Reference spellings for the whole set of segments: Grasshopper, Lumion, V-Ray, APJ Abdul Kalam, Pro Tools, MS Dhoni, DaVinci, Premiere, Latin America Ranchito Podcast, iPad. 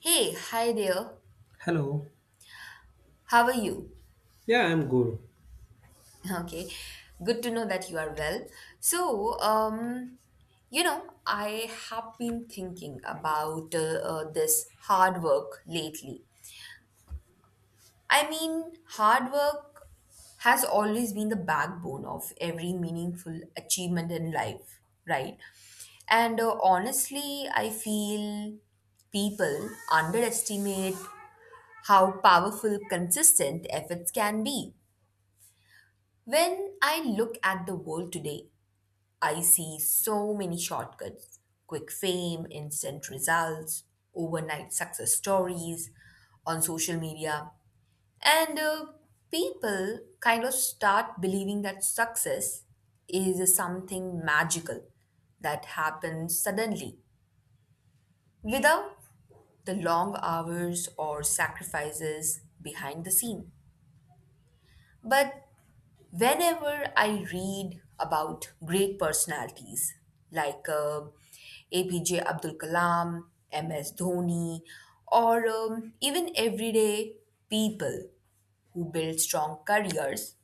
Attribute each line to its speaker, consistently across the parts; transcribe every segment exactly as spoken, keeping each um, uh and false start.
Speaker 1: Hey, hi there.
Speaker 2: Hello.
Speaker 1: How are you?
Speaker 2: Yeah, I'm good.
Speaker 1: Okay, good to know that you are well. So, um, you know, I have been thinking about uh, uh, this hard work lately. I mean, hard work has always been the backbone of every meaningful achievement in life, right? And uh, honestly, I feel people underestimate how powerful consistent efforts can be. When I look at the world today, I see so many shortcuts, quick fame, instant results, overnight success stories on social media. And uh, people kind of start believing that success is something magical that happens suddenly without the long hours or sacrifices behind the scene. But whenever I read about great personalities like uh, A P J Abdul Kalam, M S Dhoni, or um, even everyday people who build strong careers,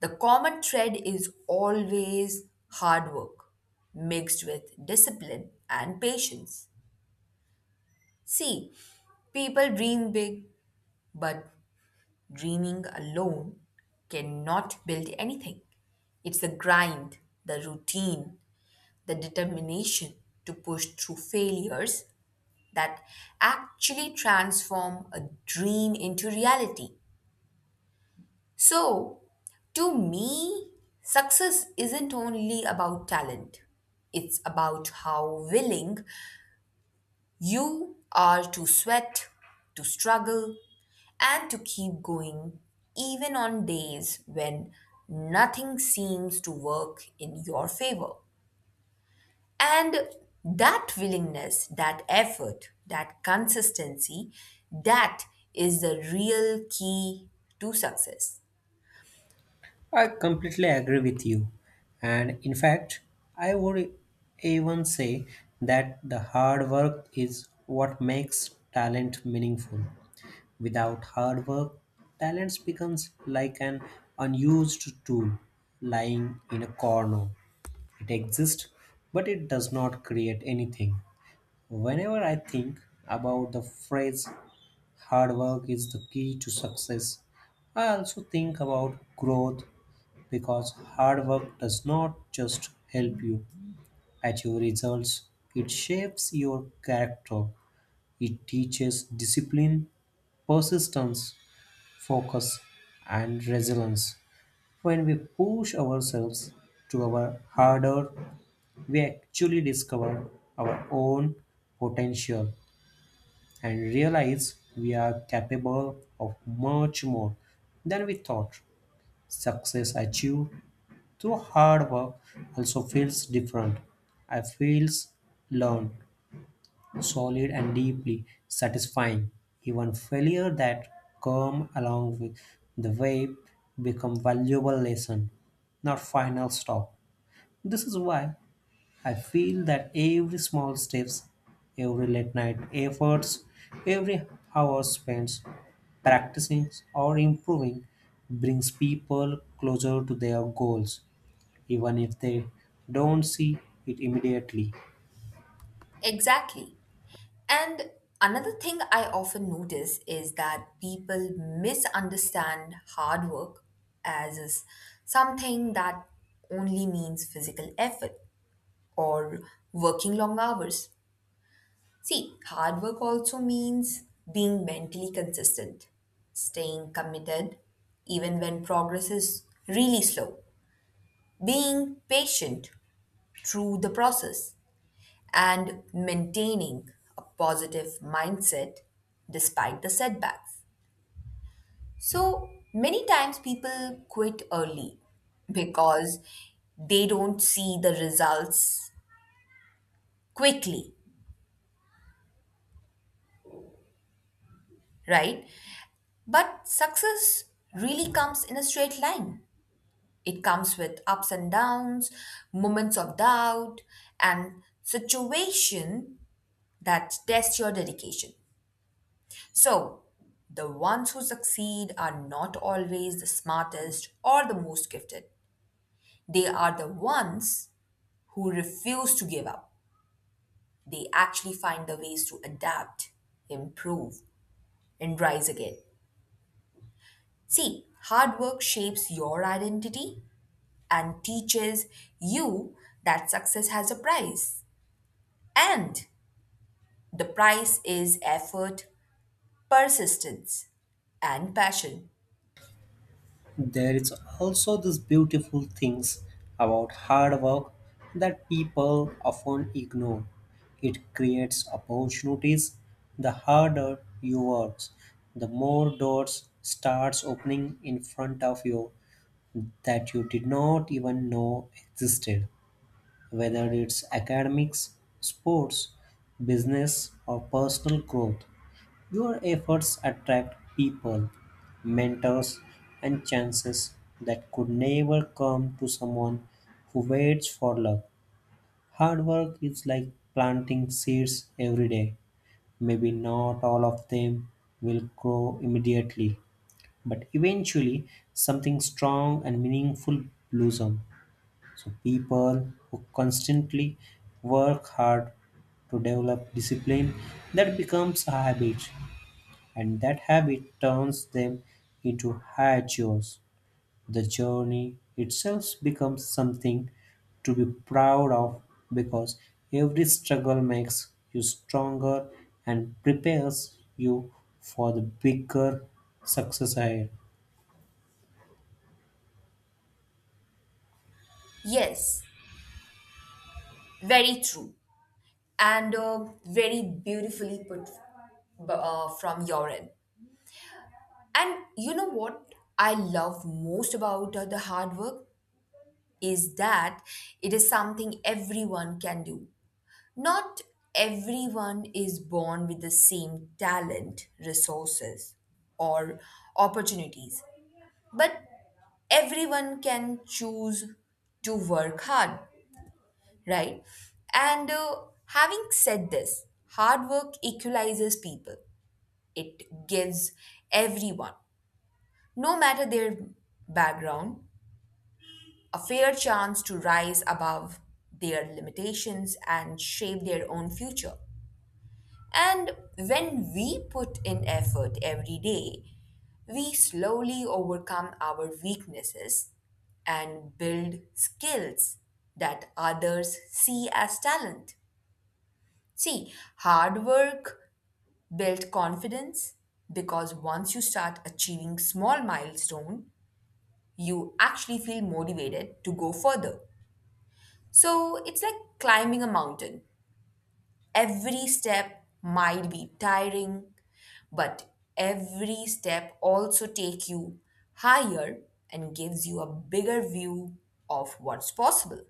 Speaker 1: the common thread is always hard work mixed with discipline and patience. See, people dream big, but dreaming alone cannot build anything. It's the grind, the routine, the determination to push through failures that actually transform a dream into reality. So, to me, success isn't only about talent, it's about how willing you are to sweat, to struggle, and to keep going even on days when nothing seems to work in your favor. And that willingness, that effort, that consistency, that is the real key to success.
Speaker 2: I completely agree with you. And in fact, I would even say that the hard work is what makes talent meaningful. Without hard work, talent becomes like an unused tool lying in a corner. It exists, but it does not create anything. Whenever I think about the phrase "Hard work is the key to success," I also think about growth, because hard work does not just help you achieve results, it shapes your character. It teaches discipline, persistence, focus, and resilience. When we push ourselves to our harder, we actually discover our own potential and realize we are capable of much more than we thought. Success achieved through hard work also feels different. I feels learned, solid and deeply satisfying. Even failure that come along with the way become valuable lesson, not final stop. This is why I feel that every small steps, every late night efforts, every hour spent practicing or improving brings people closer to their goals, even if they don't see it immediately.
Speaker 1: Exactly. And another thing I often notice is that people misunderstand hard work as is something that only means physical effort or working long hours. See, hard work also means being mentally consistent, staying committed even when progress is really slow, being patient through the process and maintaining a positive mindset despite the setbacks. So many times people quit early because they don't see the results quickly, right? But success really comes in a straight line. It comes with ups and downs, moments of doubt, and situation that test your dedication. So, the ones who succeed are not always the smartest or the most gifted. They are the ones who refuse to give up. They actually find the ways to adapt, improve, and rise again. See, hard work shapes your identity and teaches you that success has a price. And the price is effort, persistence, and passion.
Speaker 2: There is also this beautiful things about hard work that people often ignore. It creates opportunities. The harder you work, the more doors starts opening in front of you that you did not even know existed. Whether it's academics, sports, business or personal growth, your efforts attract people, mentors, and chances that could never come to someone who waits for luck. Hard work is like planting seeds every day. Maybe not all of them will grow immediately, but eventually something strong and meaningful blossom. So people who constantly work hard to develop discipline that becomes a habit, and that habit turns them into hachiots. The journey itself becomes something to be proud of, because every struggle makes you stronger and prepares you for the bigger success ahead.
Speaker 1: Yes, very true, and uh, very beautifully put b- uh, from your end. And you know what I love most about uh, the hard work is that it is something everyone can do. Not everyone is born with the same talent, resources, or opportunities, but everyone can choose to work hard, right? And uh, having said this, hard work equalizes people, it gives everyone, no matter their background, a fair chance to rise above their limitations and shape their own future. And when we put in effort every day, we slowly overcome our weaknesses and build skills that others see as talent. See, hard work built confidence because once you start achieving small milestone, you actually feel motivated to go further. So it's like climbing a mountain. Every step might be tiring, but every step also take you higher and gives you a bigger view of what's possible.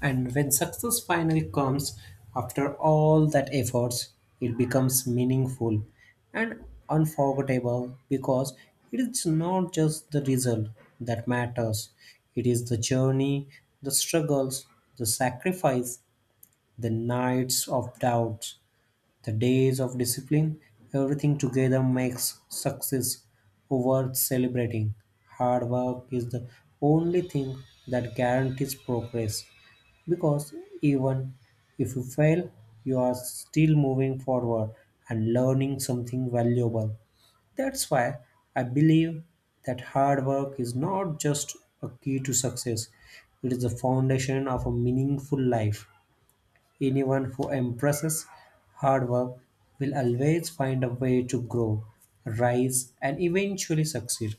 Speaker 2: And when success finally comes, after all that efforts, it becomes meaningful and unforgettable, because it is not just the result that matters, it is the journey, the struggles, the sacrifice, the nights of doubt, the days of discipline, everything together makes success worth celebrating. Hard work is the only thing that guarantees progress, because even if you fail, you are still moving forward and learning something valuable. That's why I believe that hard work is not just a key to success, it is the foundation of a meaningful life. Anyone who embraces hard work will always find a way to grow, rise, and eventually succeed.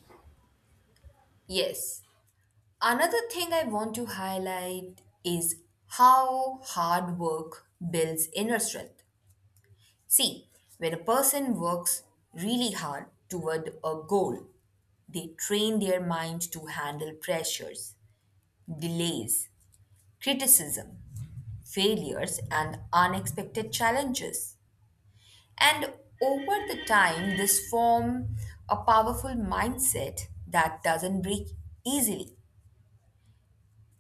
Speaker 1: Yes, another thing I want to highlight is how hard work builds inner strength. See, when a person works really hard toward a goal, they train their mind to handle pressures, delays, criticism, failures, and unexpected challenges. And over the time, this form a powerful mindset that doesn't break easily.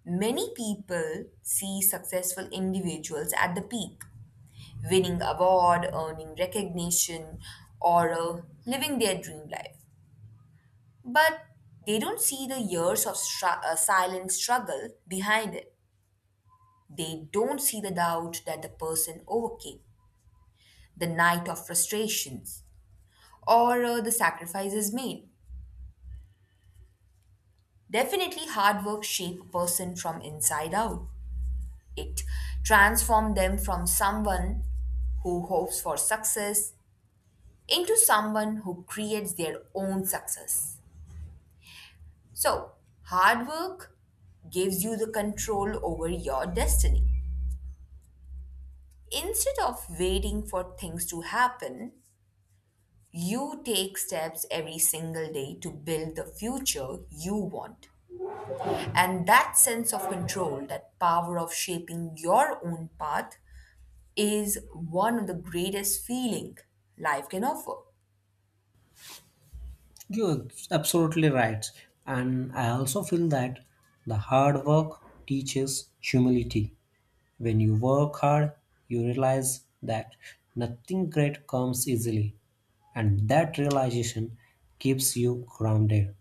Speaker 1: Many people see successful individuals at the peak, winning award, earning recognition, or uh, living their dream life. But they don't see the years of stru- uh, silent struggle behind it. They don't see the doubt that the person overcame, the night of frustrations, or uh, the sacrifices made. Definitely, hard work shapes a person from inside out. It transformed them from someone who hopes for success into someone who creates their own success. So, hard work gives you the control over your destiny. Instead of waiting for things to happen, you take steps every single day to build the future you want. And that sense of control, that power of shaping your own path, is one of the greatest feeling life can offer.
Speaker 2: You're absolutely right. And I also feel that the hard work teaches humility. When you work hard, you realize that nothing great comes easily, and that realization keeps you grounded.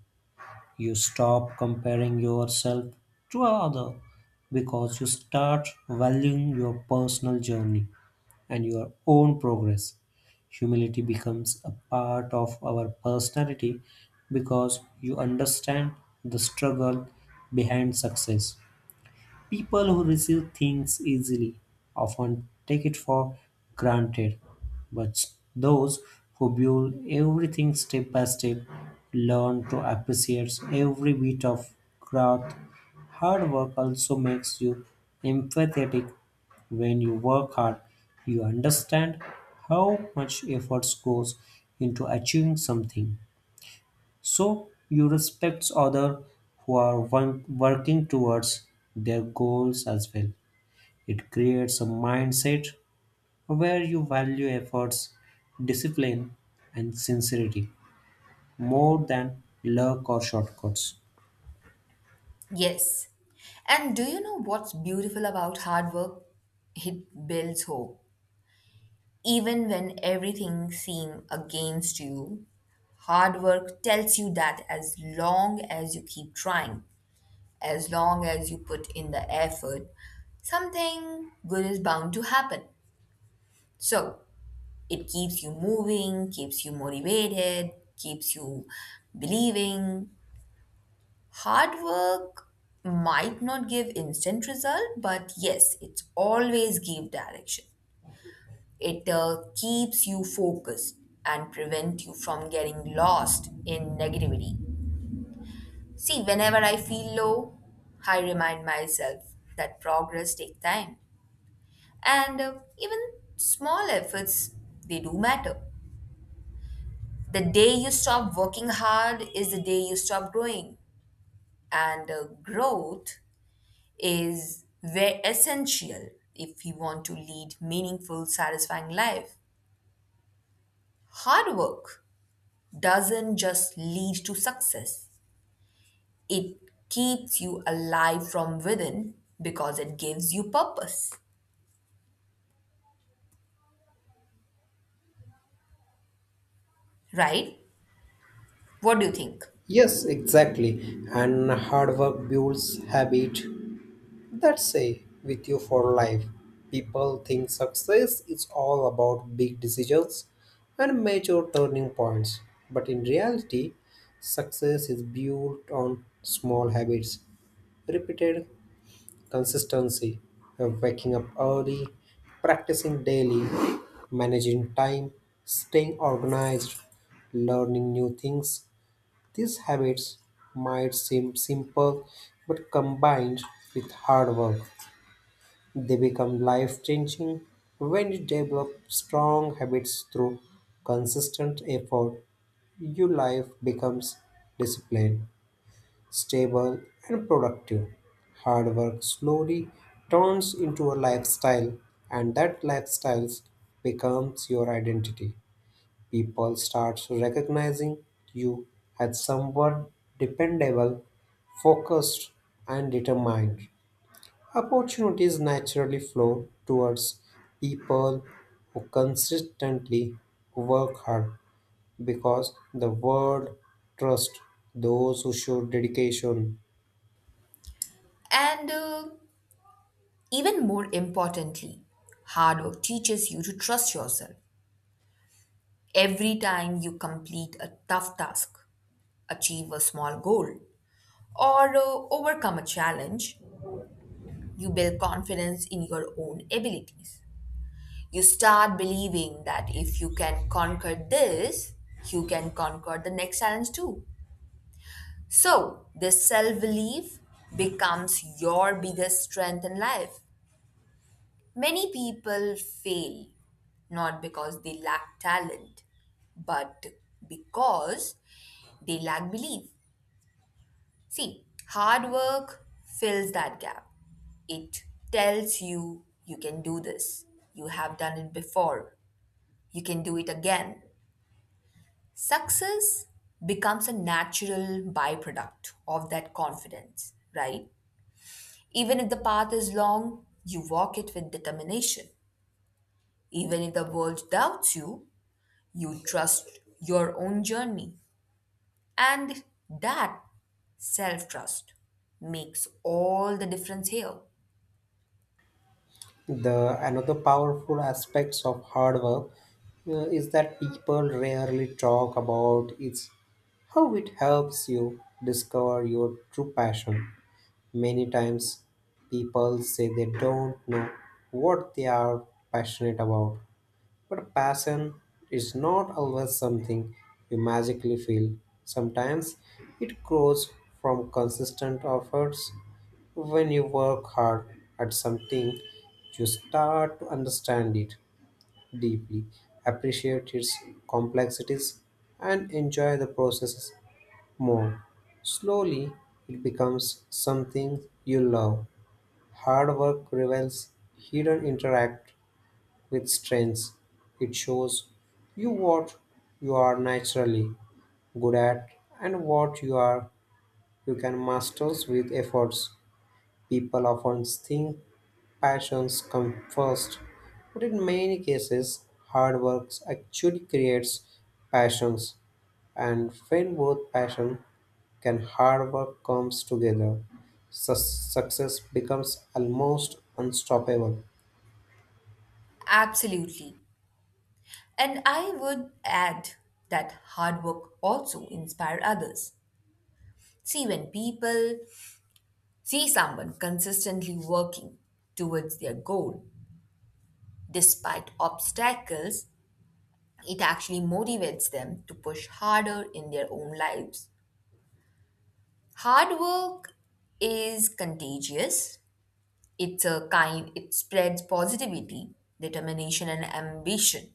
Speaker 2: You stop comparing yourself to other because you start valuing your personal journey and your own progress. Humility becomes a part of our personality because you understand the struggle behind success. People who receive things easily often take it for granted, but those who build everything step by step learn to appreciate every bit of growth. Hard work also makes you empathetic. When you work hard, you understand how much effort goes into achieving something. So you respect others who are won- working towards their goals as well. It creates a mindset where you value efforts, discipline, and sincerity more than luck or shortcuts.
Speaker 1: Yes. And do you know what's beautiful about hard work? It builds hope. Even when everything seems against you, hard work tells you that as long as you keep trying, as long as you put in the effort, something good is bound to happen. So it keeps you moving, keeps you motivated, keeps you believing. Hard work might not give instant result, but yes, it's always give direction. It uh, keeps you focused and prevent you from getting lost in negativity. See, whenever I feel low, I remind myself that progress take time. And uh, even small efforts, they do matter. The day you stop working hard is the day you stop growing. And uh, growth is very essential if you want to lead meaningful, satisfying life. Hard work doesn't just lead to success. It keeps you alive from within because it gives you purpose, right? What do you think?
Speaker 2: Yes, exactly. And hard work builds habit, that say with you for life. People think success is all about big decisions and major turning points, but in reality, success is built on small habits, repeated consistency, of waking up early, practicing daily, managing time, staying organized, learning new things. These habits might seem simple but combined with hard work they become life changing when you develop strong habits through consistent effort. Your life becomes disciplined, stable, and productive. Hard work slowly turns into a lifestyle, and that lifestyle becomes your identity. People start recognizing you as someone dependable, focused, and determined. Opportunities naturally flow towards people who consistently work hard because the world trusts those who show dedication.
Speaker 1: And uh, even more importantly, hard work teaches you to trust yourself. Every time you complete a tough task, achieve a small goal, or uh, overcome a challenge, you build confidence in your own abilities. You start believing that if you can conquer this, you can conquer the next challenge too. So, this self belief becomes your biggest strength in life. Many people fail not because they lack talent, but because they lack belief. See, hard work fills that gap. It tells you you can do this. You have done it before. You can do it again. Success becomes a natural byproduct of that confidence, right? Even if the path is long, you walk it with determination. Even if the world doubts you, you trust your own journey. And that self trust makes all the difference here.
Speaker 2: The another powerful aspects of hard work uh, is that people rarely talk about its how it helps you discover your true passion. Many times people say they don't know what they are passionate about. But passion is not always something you magically feel. Sometimes it grows from consistent efforts. When you work hard at something, you start to understand it deeply, appreciate its complexities, and enjoy the process more. Slowly, it becomes something you love. Hard work reveals hidden interact with strengths. It shows you what you are naturally good at and what you are you can master with efforts. People often think passions come first, but in many cases, hard work actually creates passions. And when both passion and hard work comes together, su- success becomes almost unstoppable.
Speaker 1: Absolutely. And I would add that hard work also inspire others. See, when people see someone consistently working towards their goal despite obstacles, it actually motivates them to push harder in their own lives. Hard work is contagious. It's a kind, it spreads positivity, determination, and ambition.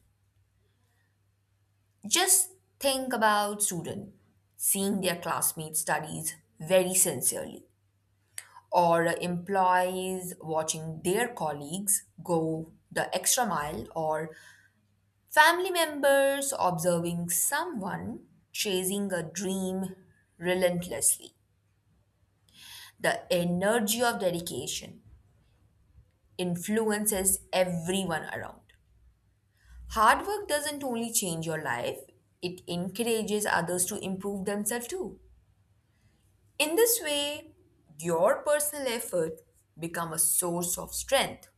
Speaker 1: Just think about students seeing their classmates' studies very sincerely, or employees watching their colleagues go the extra mile, or family members observing someone chasing a dream relentlessly. The energy of dedication influences everyone around. Hard work doesn't only change your life, it encourages others to improve themselves too. In this way, your personal effort become a source of strength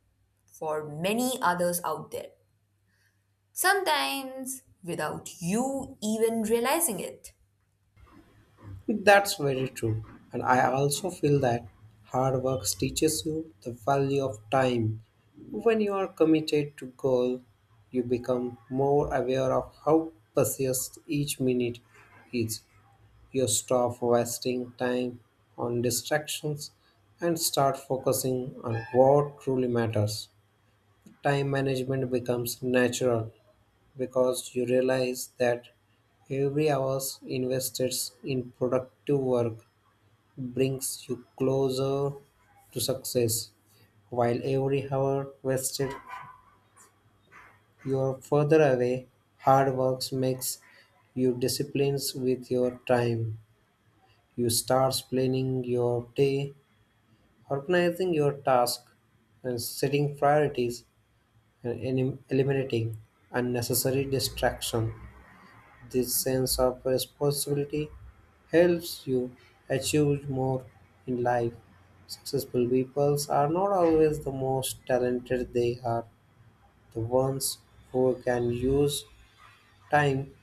Speaker 1: for many others out there, sometimes without you even realizing it.
Speaker 2: That's very true. And I also feel that hard work teaches you the value of time. When you are committed to goal, you become more aware of how precious each minute is. You stop wasting time on distractions and start focusing on what truly matters. Time management becomes natural because you realize that every hour invested in productive work brings you closer to success, while every hour wasted you are further away. Hard work makes you disciplined with your time. You start planning your day, organizing your task, and setting priorities and elim- eliminating unnecessary distraction. This sense of responsibility helps you achieve more in life. Successful people are not always the most talented, they are the ones who can use time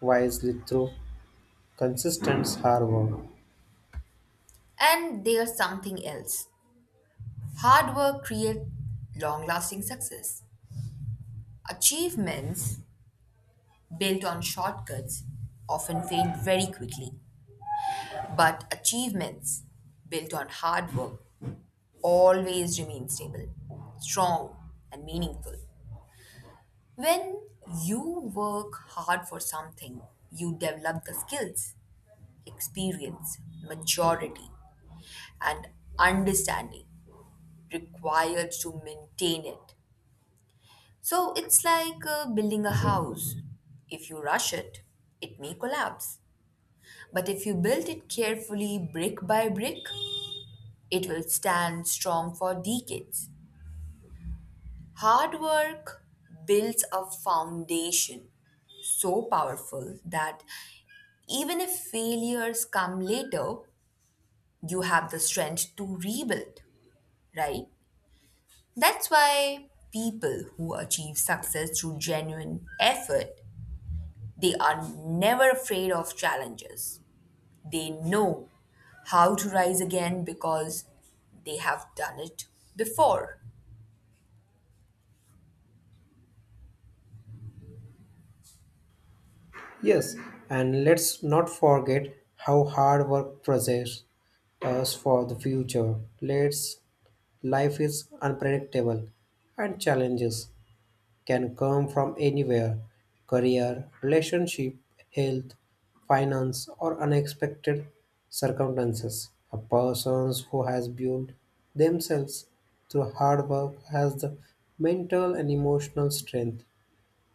Speaker 2: wisely through consistent hard work.
Speaker 1: And there's something else. Hard work creates long-lasting success. Achievements built on shortcuts often fade very quickly, but achievements built on hard work always remain stable, strong, and meaningful. When you work hard for something, you develop the skills, experience, maturity, and understanding required to maintain it. So it's like uh, building a house. If you rush it, it may collapse. But if you build it carefully, brick by brick, it will stand strong for decades. Hard work builds a foundation so powerful that even if failures come later, you have the strength to rebuild, right? That's why people who achieve success through genuine effort, they are never afraid of challenges. They know how to rise again because they have done it before.
Speaker 2: Yes, and let's not forget how hard work prepares us for the future. Let's life is unpredictable and challenges can come from anywhere: career, relationship, health, finance, or unexpected circumstances. A person who has built themselves through hard work has the mental and emotional strength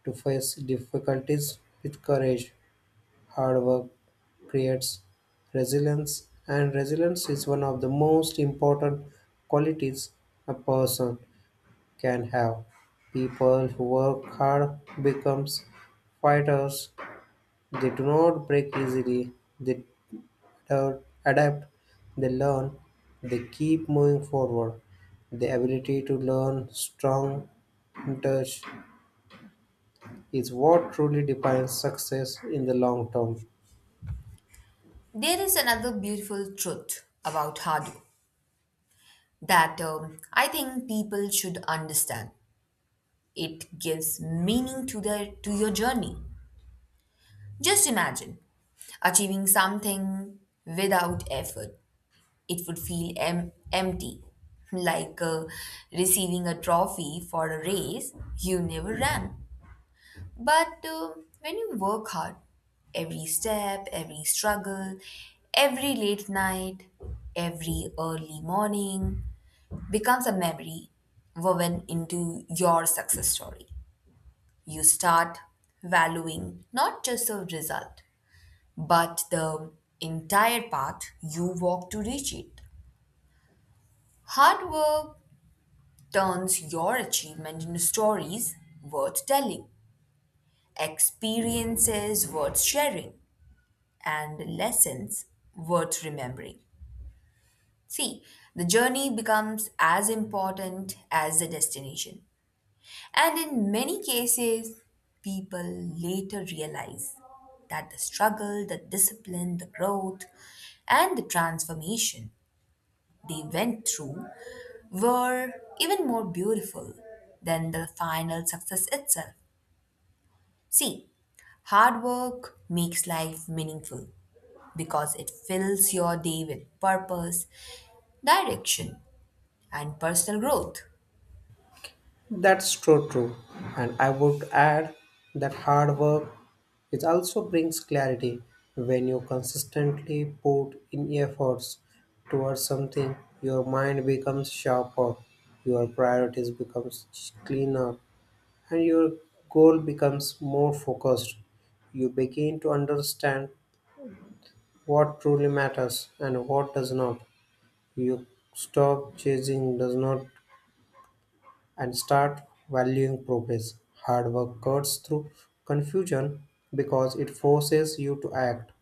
Speaker 2: to face difficulties with courage. Hard work creates resilience, and resilience is one of the most important qualities a person can have. People who work hard becomes fighters. They do not break easily. They ad- adapt. They learn. They keep moving forward. The ability to learn strong touch is what truly defines success in the long term.
Speaker 1: There is another beautiful truth about Hadu that um, I think people should understand. It gives meaning to their to your journey. Just imagine achieving something without effort. It would feel em- empty, like uh, receiving a trophy for a race you never ran. But uh, when you work hard, every step, every struggle, every late night, every early morning becomes a memory woven into your success story. You start valuing not just the result, but the entire path you walk to reach it. Hard work turns your achievement into stories worth telling, experiences worth sharing, and lessons worth remembering. See, the journey becomes as important as the destination. And in many cases, people later realize that the struggle, the discipline, the growth, and the transformation they went through were even more beautiful than the final success itself. See, hard work makes life meaningful because it fills your day with purpose, direction, and personal growth.
Speaker 2: That's true, true. And I would add that hard work it also brings clarity. When you consistently put in efforts towards something, your mind becomes sharper, your priorities becomes cleaner, and your goal becomes more focused. You begin to understand what truly matters and what does not. You stop chasing does not and start valuing progress. Hard work cuts through confusion because it forces you to act,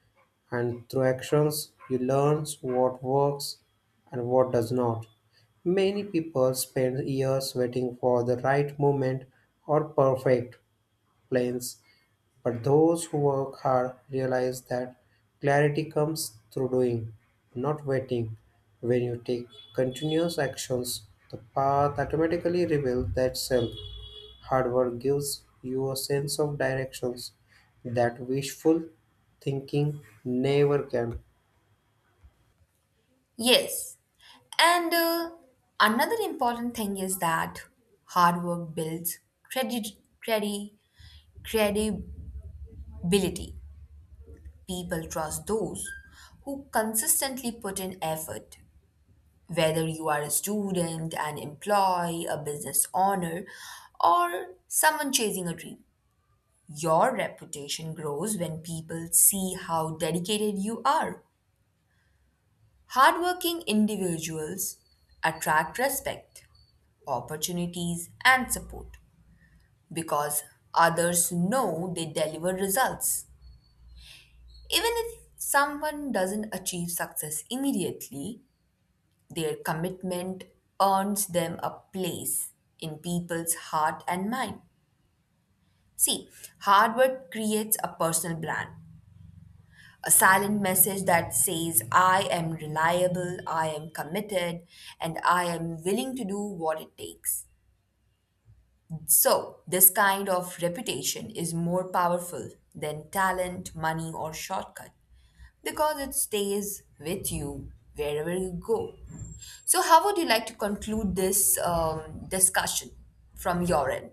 Speaker 2: and through actions, you learn what works and what does not. Many people spend years waiting for the right moment or perfect plans, but those who work hard realize that clarity comes through doing, not waiting. When you take continuous actions, the path automatically reveals itself. Hard work gives you a sense of directions that wishful thinking never can.
Speaker 1: Yes, and uh, another important thing is that hard work builds credit, credit, credibility. People trust those who consistently put in effort. Whether you are a student, an employee, a business owner, or someone chasing a dream, your reputation grows when people see how dedicated you are. Hardworking individuals attract respect, opportunities, and support because others know they deliver results. Even if someone doesn't achieve success immediately, their commitment earns them a place in people's heart and mind. See, hard work creates a personal brand, a silent message that says, I am reliable, I am committed, and I am willing to do what it takes. So, this kind of reputation is more powerful than talent, money, or shortcut, because it stays with you wherever you go. So, how would you like to conclude this um, discussion from your end?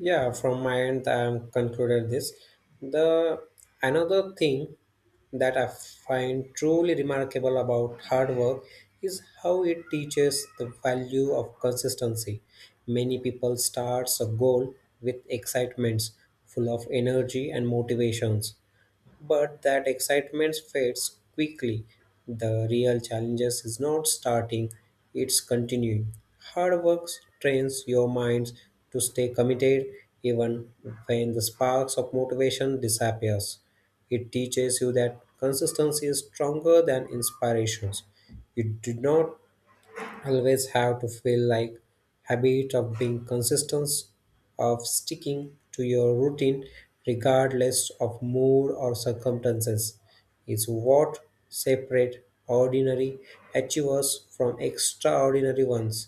Speaker 2: Yeah, from my end, I'm concluded this. The another thing that I find truly remarkable about hard work is how it teaches the value of consistency. Many people starts a goal with excitements, full of energy and motivations, but that excitement fades quickly. The real challenges is not starting, it's continuing. Hard work trains your minds to stay committed even when the sparks of motivation disappears. It teaches you that consistency is stronger than inspirations. You do not always have to feel like habit of being consistent of sticking to your routine regardless of mood or circumstances is what separate ordinary achievers from extraordinary ones.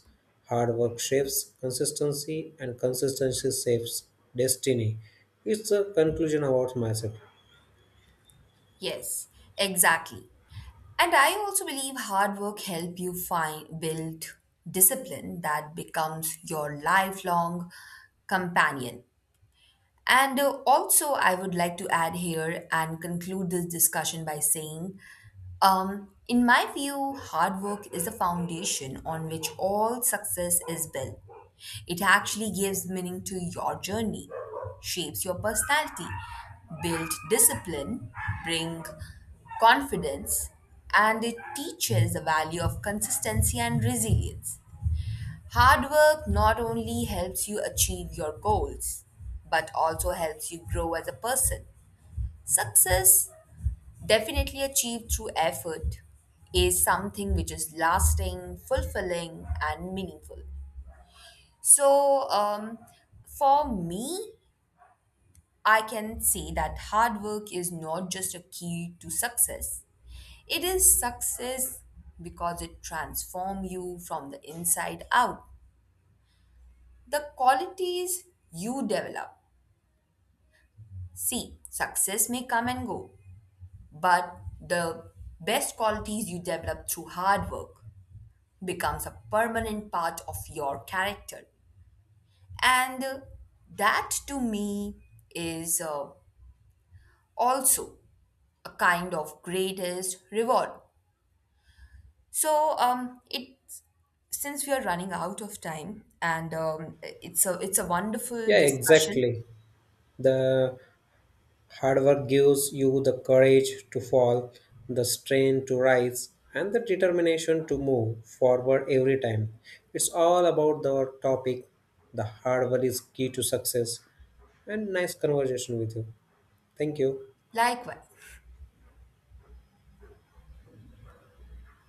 Speaker 2: Hard work shapes consistency and consistency shapes destiny. It's a conclusion about myself.
Speaker 1: Yes, exactly. And I also believe hard work help you find build discipline that becomes your lifelong companion. And uh, also, I would like to add here and conclude this discussion by saying, um, in my view, hard work is the foundation on which all success is built. It actually gives meaning to your journey, shapes your personality, build discipline, bring confidence, and it teaches the value of consistency and resilience. Hard work not only helps you achieve your goals, but also helps you grow as a person. Success, definitely achieved through effort, is something which is lasting, fulfilling, and meaningful. So, um, for me, I can say that hard work is not just a key to success, it is success because it transforms you from the inside out. The qualities you develop. See, success may come and go, but the best qualities you develop through hard work becomes a permanent part of your character. And uh, that to me is uh, also a kind of greatest reward. So um, it, since we are running out of time, and um, it's a it's a wonderful
Speaker 2: Yeah,
Speaker 1: discussion.
Speaker 2: exactly. The hard work gives you the courage to fall, the strength to rise, and the determination to move forward every time. It's all about the topic. The hard work is key to success. And nice conversation with you. Thank you.
Speaker 1: Likewise.